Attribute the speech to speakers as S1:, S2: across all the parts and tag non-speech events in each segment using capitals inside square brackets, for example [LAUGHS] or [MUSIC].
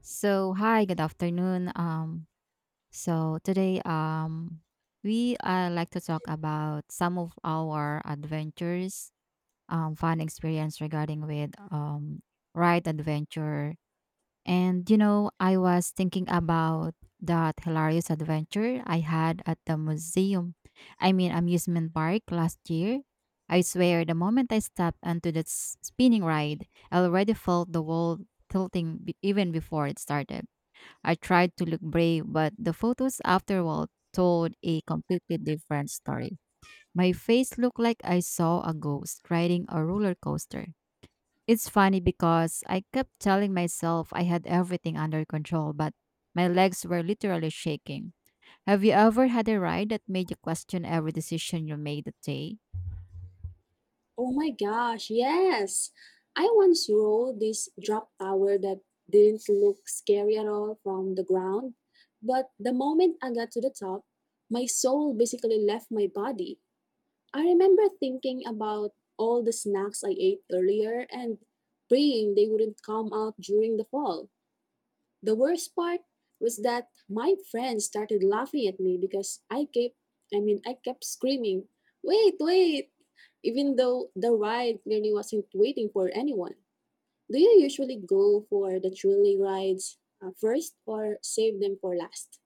S1: So, hi, good afternoon. So today, we like to talk about some of our adventures, fun experience regarding with ride adventure. And you know, I was thinking about that hilarious adventure I had at the amusement park last year. I swear, the moment I stepped onto that spinning ride, I already felt the world tilting even before it started. I tried to look brave, but the photos afterward told a completely different story. My face looked like I saw a ghost riding a roller coaster. It's funny because I kept telling myself I had everything under control, but my legs were literally shaking. Have you ever had a ride that made you question every decision you made that day?
S2: Oh my gosh, yes. I once rode this drop tower that didn't look scary at all from the ground, but the moment I got to the top, my soul basically left my body. I remember thinking about all the snacks I ate earlier and praying they wouldn't come out during the fall. The worst part was that my friends started laughing at me because I kept screaming, "Wait, wait!" even though the ride clearly wasn't waiting for anyone. Do you usually go for the thrilling rides first or save them for last?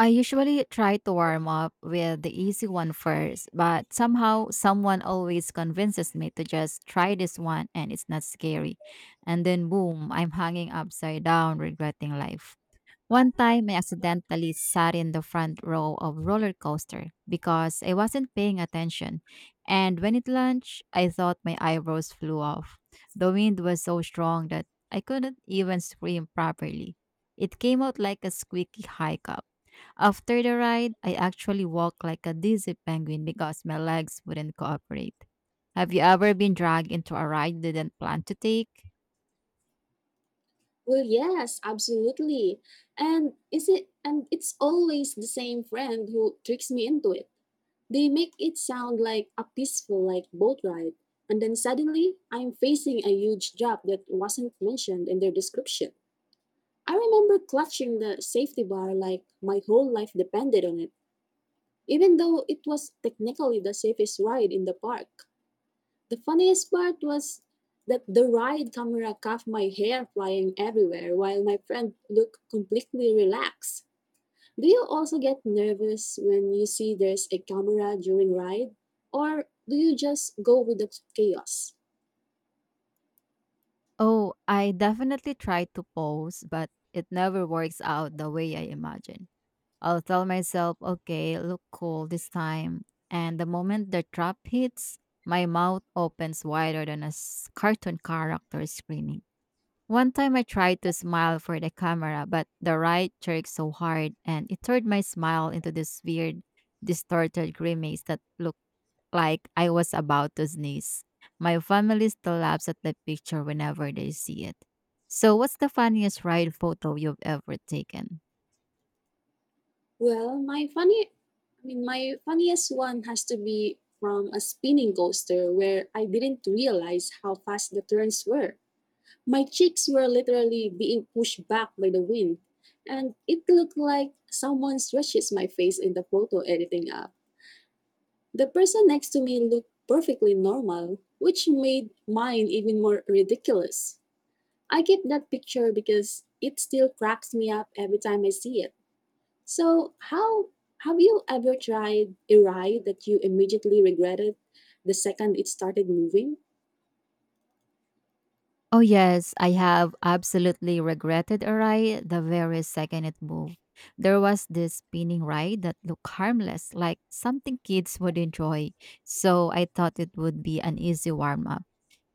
S1: I usually try to warm up with the easy one first, but somehow someone always convinces me to just try this one and it's not scary. And then boom, I'm hanging upside down regretting life. One time, I accidentally sat in the front row of roller coaster because I wasn't paying attention. And when it launched, I thought my eyebrows flew off. The wind was so strong that I couldn't even scream properly. It came out like a squeaky high cup. After the ride, I actually walked like a dizzy penguin because my legs wouldn't cooperate. Have you ever been dragged into a ride you didn't plan to take?
S2: Well, yes, absolutely. And it's always the same friend who tricks me into it. They make it sound like a peaceful like boat ride, and then suddenly I'm facing a huge job that wasn't mentioned in their description. I remember clutching the safety bar like my whole life depended on it, even though it was technically the safest ride in the park. The funniest part was that the ride camera caught my hair flying everywhere while my friend looked completely relaxed. Do you also get nervous when you see there's a camera during ride? Or do you just go with the chaos?
S1: Oh, I definitely try to pose, but it never works out the way I imagine. I'll tell myself, okay, look cool this time. And the moment the trap hits, my mouth opens wider than a cartoon character screaming. One time I tried to smile for the camera, but the right jerked so hard and it turned my smile into this weird, distorted grimace that looked like I was about to sneeze. My family still laughs at the picture whenever they see it. So, what's the funniest ride photo you've ever taken?
S2: Well, my funny I mean my funniest one has to be from a spinning coaster where I didn't realize how fast the turns were. My cheeks were literally being pushed back by the wind, and it looked like someone stretches my face in the photo editing app. The person next to me looked perfectly normal, which made mine even more ridiculous. I keep that picture because it still cracks me up every time I see it. So, how Have you ever tried a ride that you immediately regretted the second it started moving?
S1: Oh, yes, I have absolutely regretted a ride the very second it moved. There was this spinning ride that looked harmless, like something kids would enjoy, so I thought it would be an easy warm up.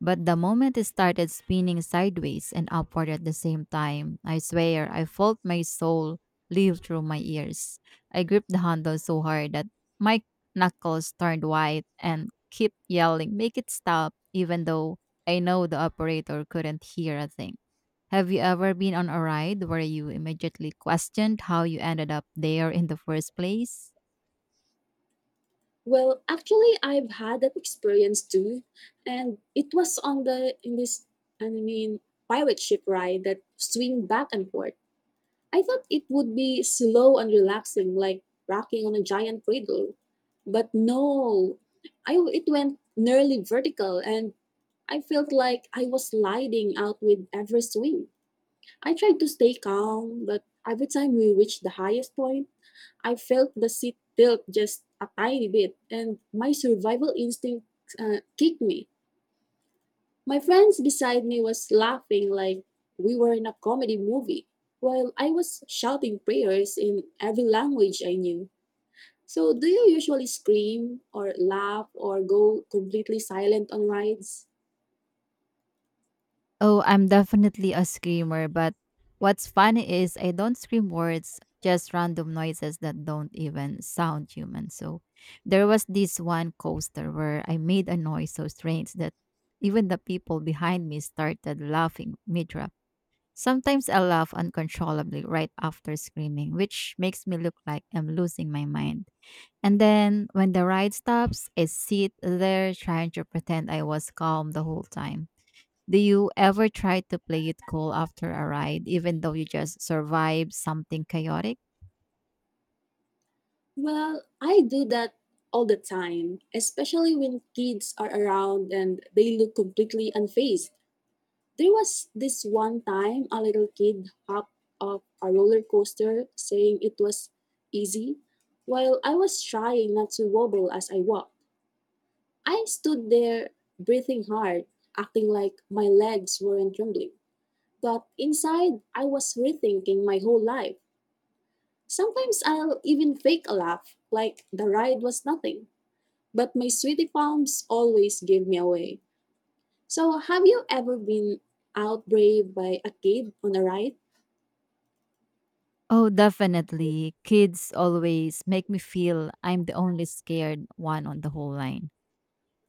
S1: But the moment it started spinning sideways and upward at the same time, I swear I felt my soul leave through my ears. I gripped the handle so hard that my knuckles turned white and kept yelling, "Make it stop," even though I know the operator couldn't hear a thing. Have you ever been on a ride where you immediately questioned how you ended up there in the first place?
S2: Well, actually, I've had that experience too, and it was on the in this I mean pirate ship ride that swing back and forth. I thought it would be slow and relaxing, like rocking on a giant cradle. But no, I, it went nearly vertical, and I felt like I was sliding out with every swing. I tried to stay calm, but every time we reached the highest point, I felt the seat tilt just a tiny bit, and my survival instinct kicked me. My friends beside me was laughing like we were in a comedy movie, while I was shouting prayers in every language I knew. So, do you usually scream or laugh or go completely silent on rides?
S1: Oh, I'm definitely a screamer, but what's funny is I don't scream words, just random noises that don't even sound human. So there was this one coaster where I made a noise so strange that even the people behind me started laughing mid. Sometimes I laugh uncontrollably right after screaming, which makes me look like I'm losing my mind. And then when the ride stops, I sit there trying to pretend I was calm the whole time. Do you ever try to play it cool after a ride, even though you just survived something chaotic?
S2: Well, I do that all the time, especially when kids are around and they look completely unfazed. There was this one time a little kid hopped off a roller coaster saying it was easy, while I was trying not to wobble as I walked. I stood there breathing hard, acting like my legs weren't trembling. But inside, I was rethinking my whole life. Sometimes I'll even fake a laugh, like the ride was nothing. But my sweetie palms always give me away. So, have you ever been out brave by a kid on a ride?
S1: Oh, definitely. Kids always make me feel I'm the only scared one on the whole line.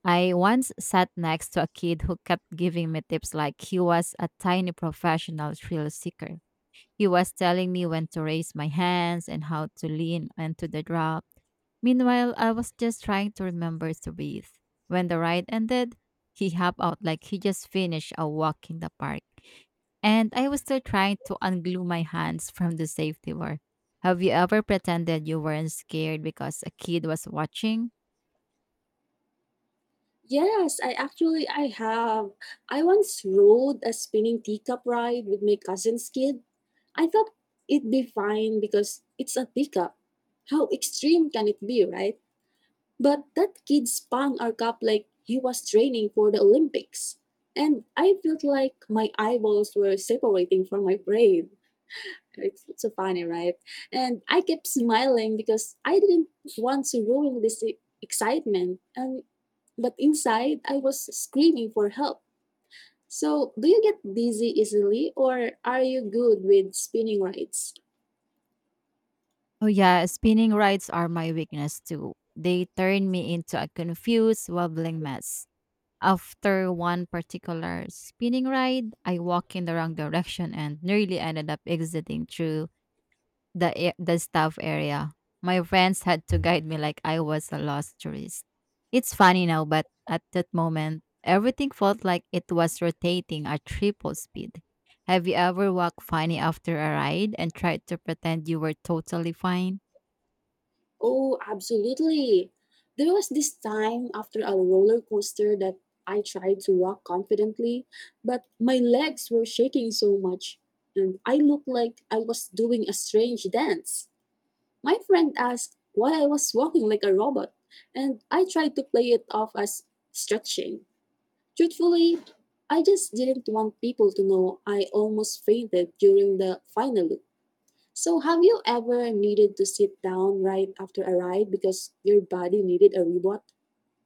S1: I once sat next to a kid who kept giving me tips like he was a tiny professional thrill seeker. He was telling me when to raise my hands and how to lean into the drop. Meanwhile, I was just trying to remember to breathe. When the ride ended, he hopped out like he just finished a walk in the park. And I was still trying to unglue my hands from the safety bar. Have you ever pretended you weren't scared because a kid was watching?
S2: Yes, I actually I have. I once rode a spinning teacup ride with my cousin's kid. I thought it'd be fine because it's a teacup. How extreme can it be, right? But that kid spun our cup like he was training for the Olympics. And I felt like my eyeballs were separating from my brain. It's so funny, right? And I kept smiling because I didn't want to ruin this excitement. And but inside, I was screaming for help. So, do you get dizzy easily or are you good with spinning rides?
S1: Oh yeah, spinning rides are my weakness too. They turn me into a confused, wobbling mess. After one particular spinning ride, I walked in the wrong direction and nearly ended up exiting through the staff area. My friends had to guide me like I was a lost tourist. It's funny now, but at that moment, everything felt like it was rotating at triple speed. Have you ever walked funny after a ride and tried to pretend you were totally fine?
S2: Oh, absolutely. There was this time after a roller coaster that I tried to walk confidently, but my legs were shaking so much and I looked like I was doing a strange dance. My friend asked why I was walking like a robot, and I tried to play it off as stretching. Truthfully, I just didn't want people to know I almost fainted during the final loop. So, have you ever needed to sit down right after a ride because your body needed a reboot?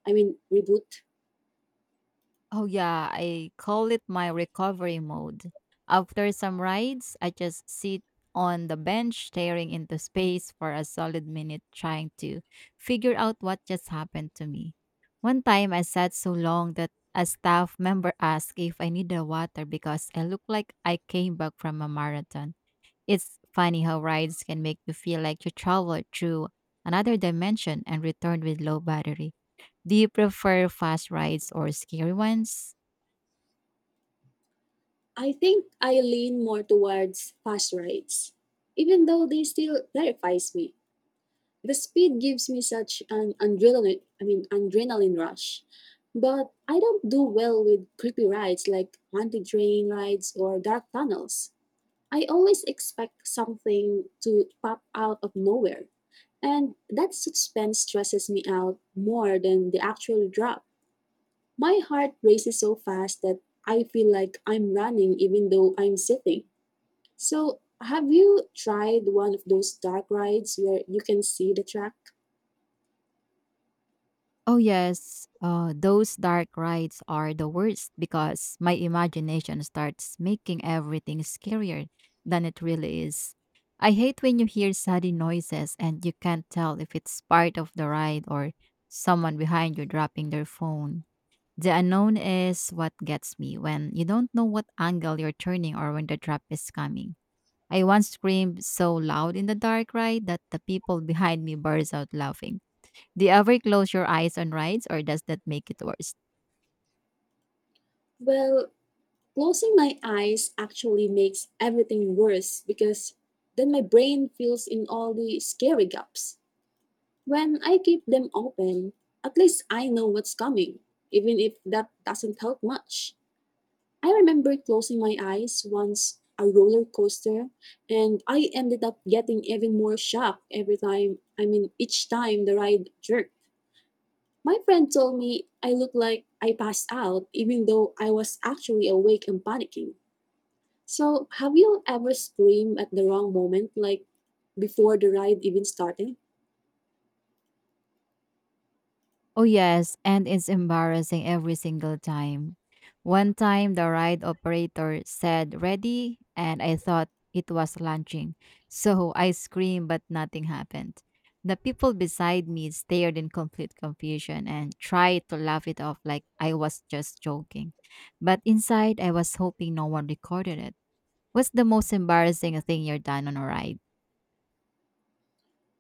S2: I mean, reboot?
S1: Oh, yeah, I call it my recovery mode. After some rides, I just sit on the bench staring into space for a solid minute trying to figure out what just happened to me. One time I sat so long that a staff member asked if I needed water because I looked like I came back from a marathon. It's funny how rides can make you feel like you traveled through another dimension and returned with low battery. Do you prefer fast rides or scary ones?
S2: I think I lean more towards fast rides, even though they still terrifies me. The speed gives me such an adrenaline rush. But I don't do well with creepy rides like haunted train rides or dark tunnels. I always expect something to pop out of nowhere, and that suspense stresses me out more than the actual drop. My heart races so fast that I feel like I'm running even though I'm sitting. So, have you tried one of those dark rides where you can see the track?
S1: Oh, yes. Those dark rides are the worst because my imagination starts making everything scarier than it really is. I hate when you hear sudden noises and you can't tell if it's part of the ride or someone behind you dropping their phone. The unknown is what gets me when you don't know what angle you're turning or when the drop is coming. I once screamed so loud in the dark ride that the people [LAUGHS] behind me burst out laughing. Do you ever close your eyes on rides or does that make it worse?
S2: Well, closing my eyes actually makes everything worse because then my brain fills in all the scary gaps. When I keep them open, at least I know what's coming, even if that doesn't help much. I remember closing my eyes once a roller coaster and I ended up getting even more shocked every time I mean each time the ride jerked. My friend told me I looked like I passed out even though I was actually awake and panicking. So have you ever screamed at the wrong moment like before the ride even started?
S1: Oh, yes, and it's embarrassing every single time. One time, the ride operator said ready, and I thought it was launching. So I screamed, but nothing happened. The people beside me stared in complete confusion and tried to laugh it off like I was just joking. But inside, I was hoping no one recorded it. What's the most embarrassing thing you're done on a ride?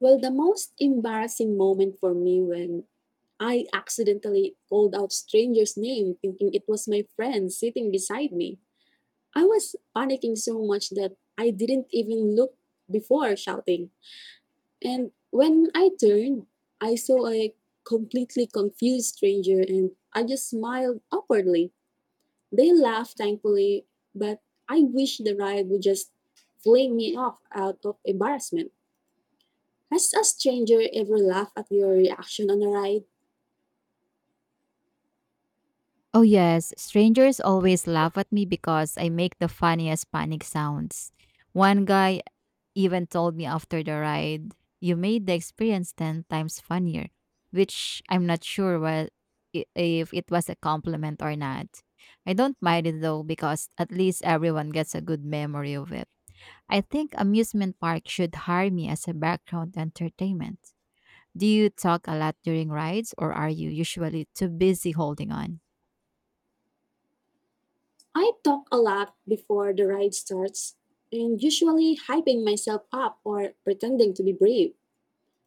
S2: Well, the most embarrassing moment for me when I accidentally called out stranger's name thinking it was my friend sitting beside me. I was panicking so much that I didn't even look before shouting. And when I turned, I saw a completely confused stranger and I just smiled awkwardly. They laughed thankfully, but I wish the ride would just fling me off out of embarrassment. Has a stranger ever laughed at your reaction on a ride?
S1: Oh, yes. Strangers always laugh at me because I make the funniest panic sounds. One guy even told me after the ride, "You made the experience 10 times funnier," which I'm not sure what, if it was a compliment or not. I don't mind it though because at least everyone gets a good memory of it. I think amusement park should hire me as a background entertainment. Do you talk a lot during rides or are you usually too busy holding on?
S2: I talk a lot before the ride starts, and usually hyping myself up or pretending to be brave.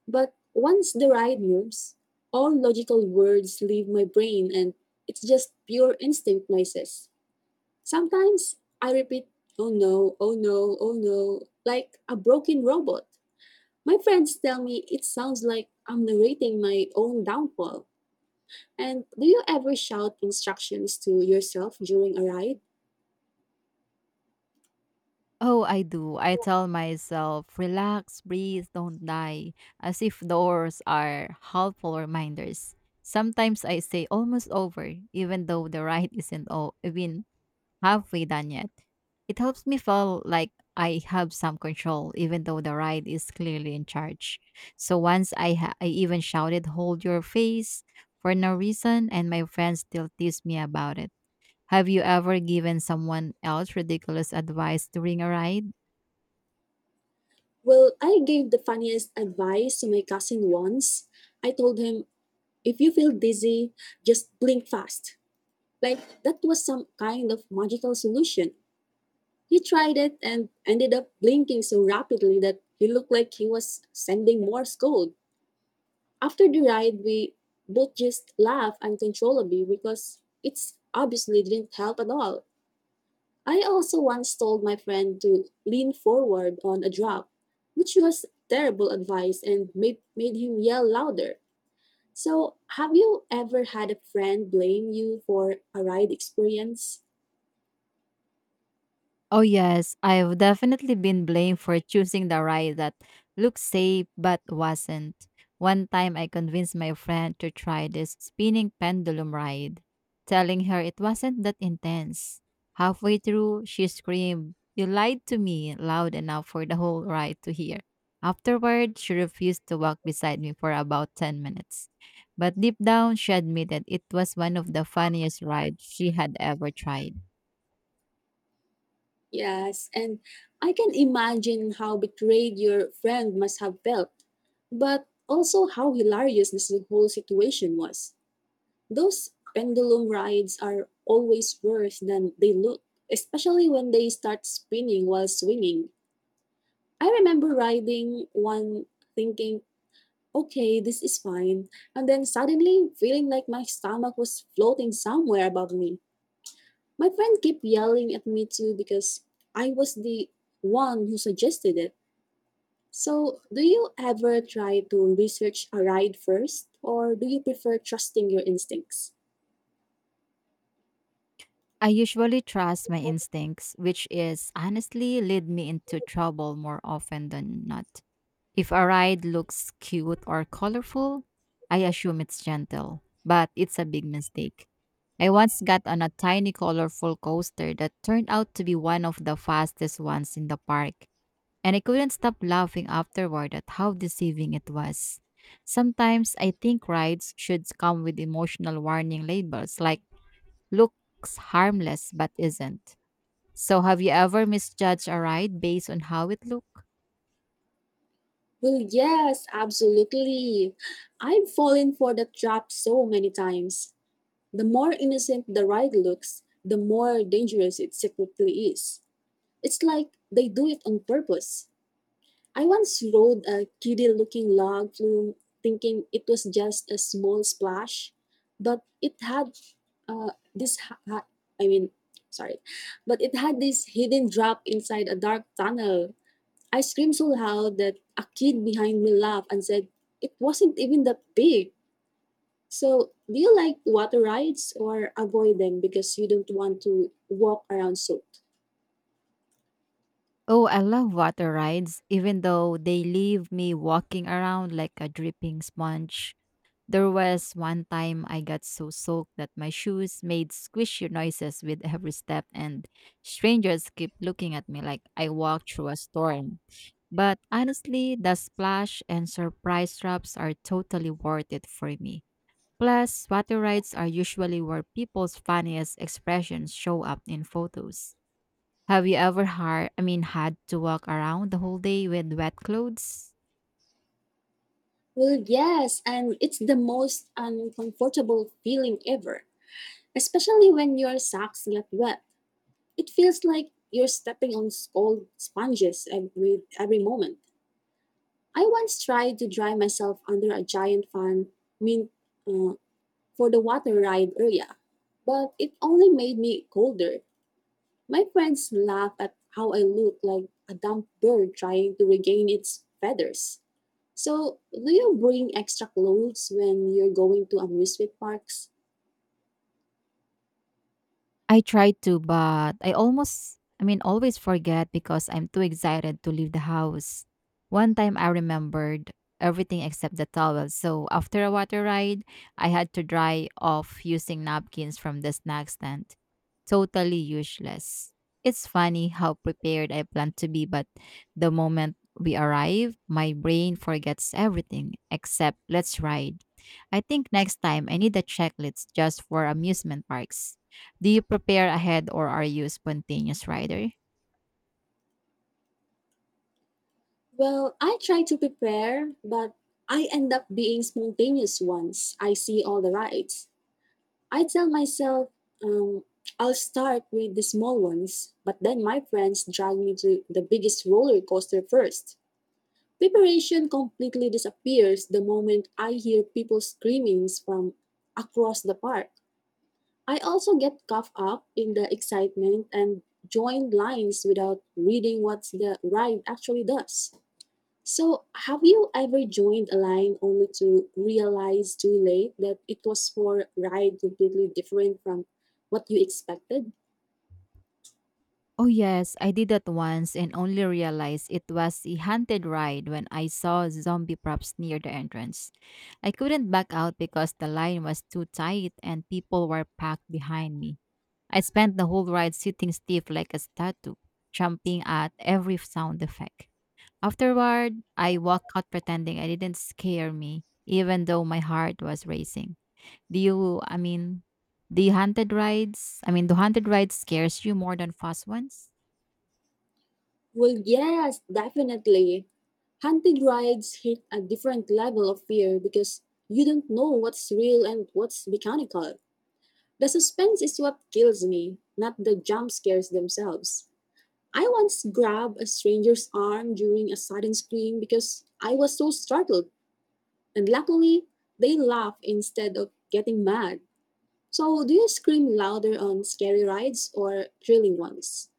S2: But once the ride moves, all logical words leave my brain and it's just pure instinct noises. Sometimes I repeat, oh no, oh no, oh no, like a broken robot. My friends tell me it sounds like I'm narrating my own downfall. And do you ever shout instructions to yourself during a ride?
S1: Oh, I do. I tell myself, "Relax, breathe, don't die," as if doors are helpful reminders. Sometimes I say almost over, even though the ride [LAUGHS] isn't even halfway done yet. It helps me feel like I have some control, even though the ride is clearly in charge. So once I even shouted, "Hold your face" for no reason, and my friends still tease me about it. Have you ever given someone else ridiculous advice during a ride?
S2: Well, I gave the funniest advice to my cousin once. I told him, if you feel dizzy, just blink fast. Like, that was some kind of magical solution. He tried it and ended up blinking so rapidly that he looked like he was sending Morse code. After the ride, we both just laughed uncontrollably because it's obviously didn't help at all. I also once told my friend to lean forward on a drop, which was terrible advice and made him yell louder. So, have you ever had a friend blame you for a ride experience?
S1: Oh, yes, I've definitely been blamed for choosing the ride that looked safe but wasn't. One time I convinced my friend to try this spinning pendulum ride, telling her it wasn't that intense. Halfway through, she screamed, "You lied to me," loud enough for the whole ride to hear. Afterward, she refused to walk beside me for about 10 minutes. But deep down, she admitted it was one of the funniest rides she had ever tried.
S2: Yes, and I can imagine how betrayed your friend must have felt, but also how hilarious this whole situation was. Those pendulum rides are always worse than they look, especially when they start spinning while swinging I remember riding one thinking, okay, this is fine, and then suddenly feeling like my stomach was floating somewhere above me. My friend kept yelling at me too because I was the one who suggested it. So, do you ever try to research a ride first, or do you prefer trusting your instincts?
S1: I usually trust my instincts, which is honestly lead me into trouble more often than not. If a ride looks cute or colorful, I assume it's gentle, but it's a big mistake. I once got on a tiny colorful coaster that turned out to be one of the fastest ones in the park, and I couldn't stop laughing afterward at how deceiving it was. Sometimes I think rides should come with emotional warning labels like looks harmless but isn't. So, have you ever misjudged a ride based on how it looked?
S2: Well, yes, absolutely. I've fallen for that trap so many times. The more innocent the ride looks, the more dangerous it secretly is. It's like they do it on purpose. I once rode a kiddie looking log flume thinking it was just a small splash, but it had this, ha- ha- I mean, sorry, but it had this hidden drop inside a dark tunnel. I screamed so loud that a kid behind me laughed and said, it wasn't even that big. So, do you like water rides or avoid them because you don't want to walk around soaked?
S1: Oh, I love water rides, even though they leave me walking around like a dripping sponge. There was one time I got so soaked that my shoes made squishy noises with every step, and strangers kept looking at me like I walked through a storm. But honestly, the splash and surprise drops are totally worth it for me. Plus, water rides are usually where people's funniest expressions show up in photos. Have you ever had to walk around the whole day with wet clothes?
S2: Well, yes, and it's the most uncomfortable feeling ever, especially when your socks get wet. It feels like you're stepping on cold sponges every moment. I once tried to dry myself under a giant fan, mean, uh, for the water ride area, but it only made me colder. My friends laugh at how I look like a dumb bird trying to regain its feathers. So, do you bring extra clothes when you're going to amusement parks?
S1: I tried to, but I always forget because I'm too excited to leave the house. One time I remembered everything except the towel. So after a water ride, I had to dry off using napkins from the snack stand. Totally useless. It's funny how prepared I plan to be, but the moment we arrive, my brain forgets everything except let's ride. I think next time I need a checklist just for amusement parks. Do you prepare ahead or are you a spontaneous rider?
S2: Well, I try to prepare, but I end up being spontaneous once I see all the rides. I tell myself, um, I'll start with the small ones, but then my friends drag me to the biggest roller coaster first. Preparation completely disappears the moment I hear people screamings from across the park. I also get caught up in the excitement and join lines without reading what the ride actually does. So, have you ever joined a line only to realize too late that it was for a ride completely different from what you expected?
S1: Oh yes, I did that once and only realized it was a haunted ride when I saw zombie props near the entrance. I couldn't back out because the line was too tight and people were packed behind me. I spent the whole ride sitting stiff like a statue, jumping at every sound effect. Afterward, I walked out pretending I didn't scare me, even though my heart was racing. Do you, I mean, do you haunted rides? I mean, do haunted rides scares you more than fast ones?
S2: Well, yes, definitely. Haunted rides hit a different level of fear because you don't know what's real and what's mechanical. The suspense is what kills me, not the jump scares themselves. I once grabbed a stranger's arm during a sudden scream because I was so startled, and luckily, they laughed instead of getting mad. So, do you scream louder on scary rides or thrilling ones?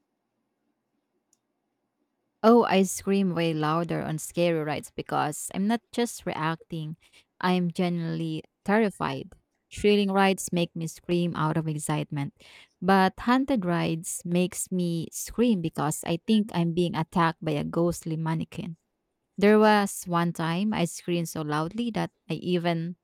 S1: Oh, I scream way louder on scary rides because I'm not just reacting, I'm genuinely terrified. Thrilling rides make me scream out of excitement, but haunted rides makes me scream because I think I'm being attacked by a ghostly mannequin. There was one time I screamed so loudly that I even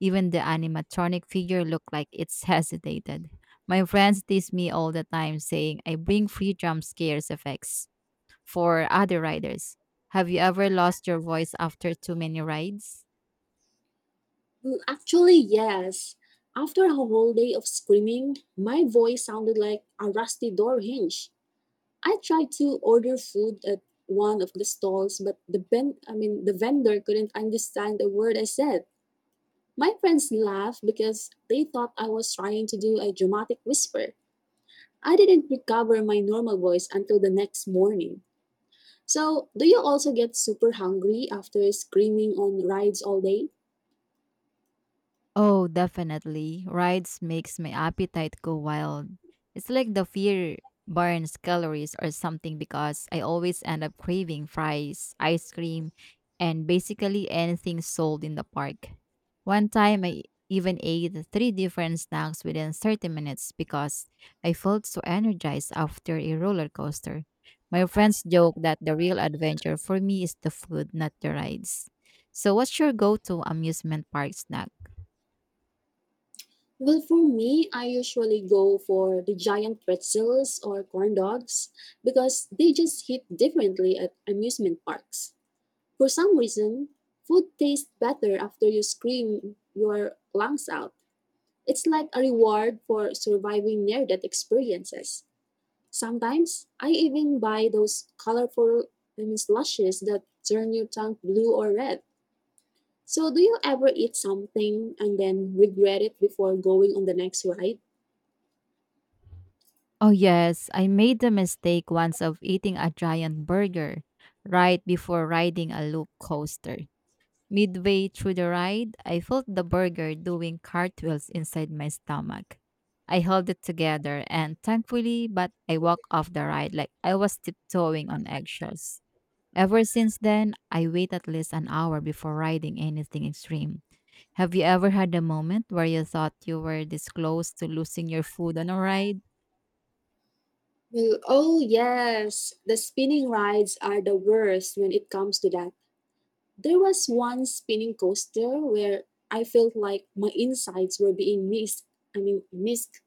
S1: even the animatronic figure looked like it's [LAUGHS] hesitated. My friends tease me all the time saying I bring free jump scares effects for other riders. Have you ever lost your voice after too many rides?
S2: Mm, actually, yes. After a whole day of screaming, my voice sounded like a rusty door hinge. I tried to order food at one of the stalls, but I mean the vendor couldn't understand a word I said. My friends laughed because they thought I was trying to do a dramatic whisper. I didn't recover my normal voice until the next morning. So, do you also get super hungry after screaming on rides all day?
S1: Oh, definitely. Rides makes my appetite go wild. It's like the fear burns calories or something because I always end up craving fries, ice cream, and basically anything sold in the park. One time I even ate three different snacks within 30 minutes because I felt so energized after a roller coaster. My friends joke that the real adventure for me is the food, not the rides. So, what's your go to amusement park snack?
S2: Well, for me, I usually go for the giant pretzels or corn dogs because they just hit differently at amusement parks. For some reason, food tastes better after you scream your lungs out. It's like a reward for surviving near death experiences. Sometimes, I even buy those colorful I mean, slushes that turn your tongue blue or red. So, do you ever eat something and then regret it before going on the next ride?
S1: Oh, yes. I made the mistake once of eating a giant burger right before riding a loop coaster. Midway through the ride, I felt the burger doing cartwheels inside my stomach. I held it together and thankfully, but I walked off the ride like I was tiptoeing on eggshells. Ever since then, I wait at least an hour before riding anything extreme. Have you ever had a moment where you thought you were this close to losing your food on a ride?
S2: Well, oh yes, the spinning rides are the worst when it comes to that. There was one spinning coaster where I felt like my insides were being missed. I mean, missed,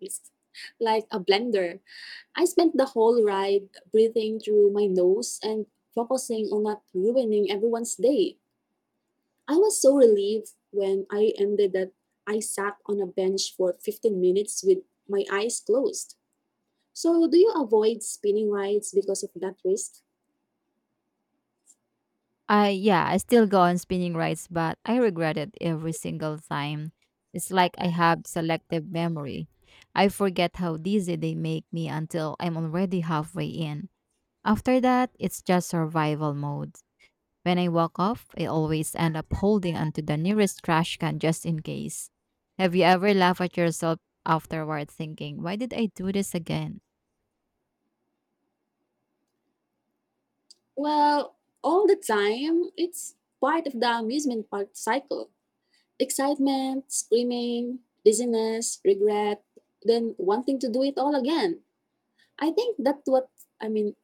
S2: missed, like a blender. I spent the whole ride breathing through my nose and focusing on not ruining everyone's day. I was so relieved when I ended that I sat on a bench for 15 minutes with my eyes closed. So, do you avoid spinning rides because of that risk?
S1: I yeah, I still go on spinning rides, but I regret it every single time. It's like I have selective memory. I forget how dizzy they make me until I'm already halfway in. After that, it's just survival mode. When I walk off, I always end up holding onto the nearest trash can just in case. Have you ever laughed at yourself afterward thinking, why did I do this again?
S2: Well, all the time, it's part of the amusement park cycle. Excitement, screaming, dizziness, regret, then wanting to do it all again. I think that's what I mean,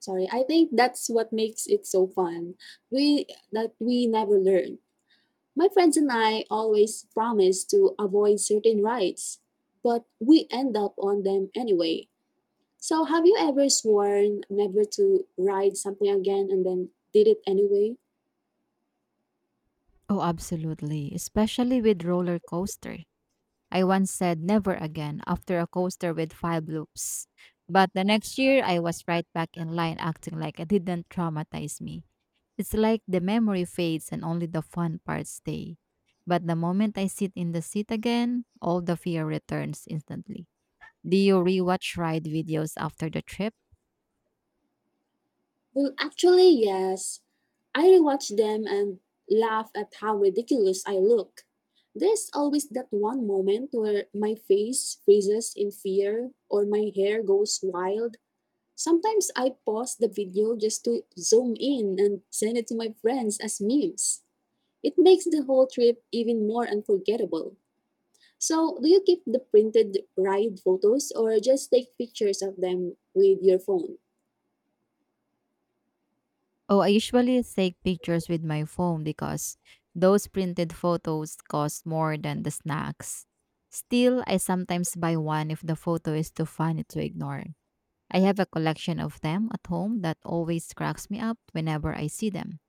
S2: I think that's what makes it so fun. We that we never learn. My friends and I always promise to avoid certain rides, but we end up on them anyway. So, have you ever sworn never to ride something again and then did it anyway?
S1: Oh, absolutely, especially with roller coaster. I once said never again after a coaster with five loops. But the next year, I was right back in line acting like it didn't traumatize me. It's like the memory fades and only the fun parts stay. But the moment I sit in the seat again, all the fear returns instantly. Do you rewatch ride videos after the trip?
S2: Well, actually, yes. I rewatch them and laugh at how ridiculous I look. There's always that one moment where my face freezes in fear or my hair goes wild. Sometimes I pause the video just to zoom in and send it to my friends as memes. It makes the whole trip even more unforgettable. So, do you keep the printed ride photos or just take pictures of them with your phone?
S1: Oh, I usually take pictures with my phone because those printed photos cost more than the snacks. Still, I sometimes buy one if the photo is too funny to ignore. I have a collection of them at home that always cracks me up whenever I see them.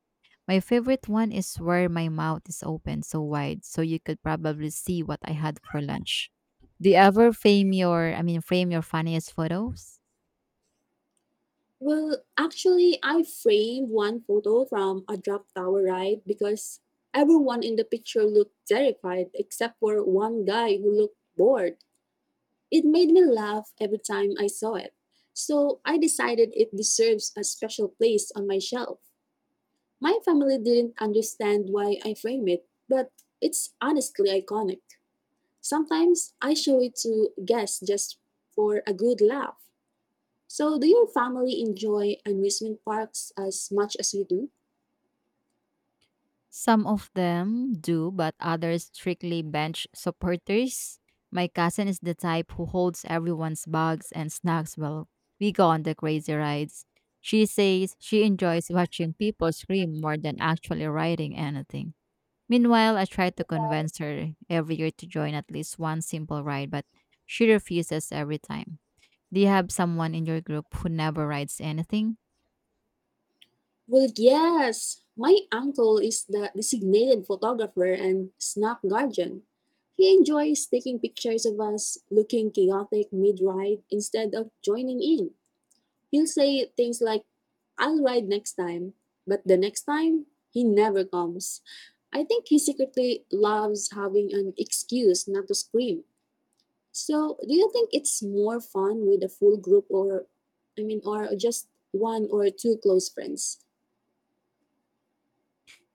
S1: My favorite one is where my mouth is open so wide so you could probably see what I had for lunch. Do you ever frame your funniest photos?
S2: Well, actually, I framed one photo from a drop tower ride because everyone in the picture looked terrified except for one guy who looked bored. It made me laugh every time I saw it. So, I decided it deserves a special place on my shelf. My family didn't understand why I framed it, but it's honestly iconic. Sometimes I show it to guests just for a good laugh. So, do your family enjoy amusement parks as much as we do?
S1: Some of them do, but others strictly bench supporters. My cousin is the type who holds everyone's bags and snacks while we go on the crazy rides. She says she enjoys watching people scream more than actually riding anything. Meanwhile, I try to convince her every year to join at least one simple ride, but she refuses every time. Do you have someone in your group who never rides anything?
S2: Well, yes. My uncle is the designated photographer and snap guardian. He enjoys taking pictures of us looking chaotic mid ride instead of joining in. He'll say things like, I'll ride next time, but the next time, he never comes. I think he secretly loves having an excuse not to scream. So, do you think it's more fun with a full group or, I mean, or just one or two close friends?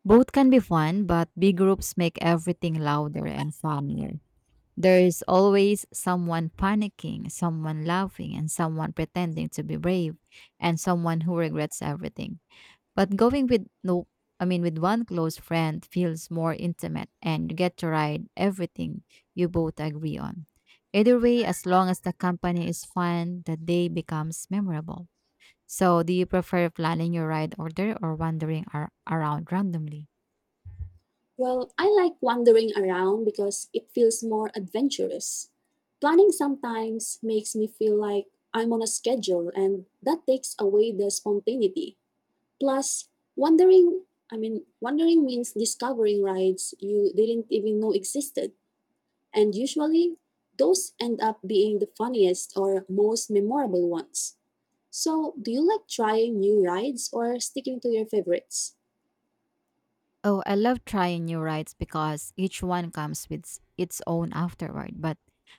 S1: Both can be fun, but big groups make everything louder and funnier. There is always someone panicking, someone laughing, and someone pretending to be brave, and someone who regrets everything. But going with no, I mean, with one close friend feels more intimate, and you get to ride everything you both agree on. Either way, as long as the company is fun, the day becomes memorable. So, do you prefer planning your ride order or around randomly?
S2: Well, I like wandering around because it feels more adventurous. Planning sometimes makes me feel like I'm on a schedule, and that takes away the spontaneity. Plus, wandering, I mean, wandering means discovering rides you didn't even know existed. And usually, those end up being the funniest or most memorable ones. So, do you like trying new rides or sticking to your favorites?
S1: Oh, I love trying new rides because each one comes with s- its own afterward, but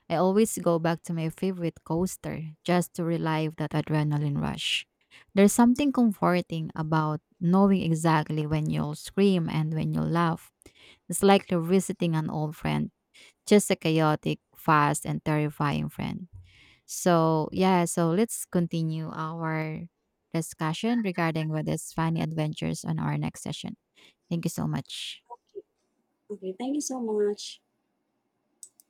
S1: I always go back to my favorite coaster just to relive that adrenaline rush. There's something comforting about knowing exactly when you'll scream and when you'll laugh. It's like revisiting an old friend, just a chaotic, fast, and terrifying friend. So let's continue our discussion regarding what is funny adventures on our next session. Thank you so much.
S2: Okay, thank you so much.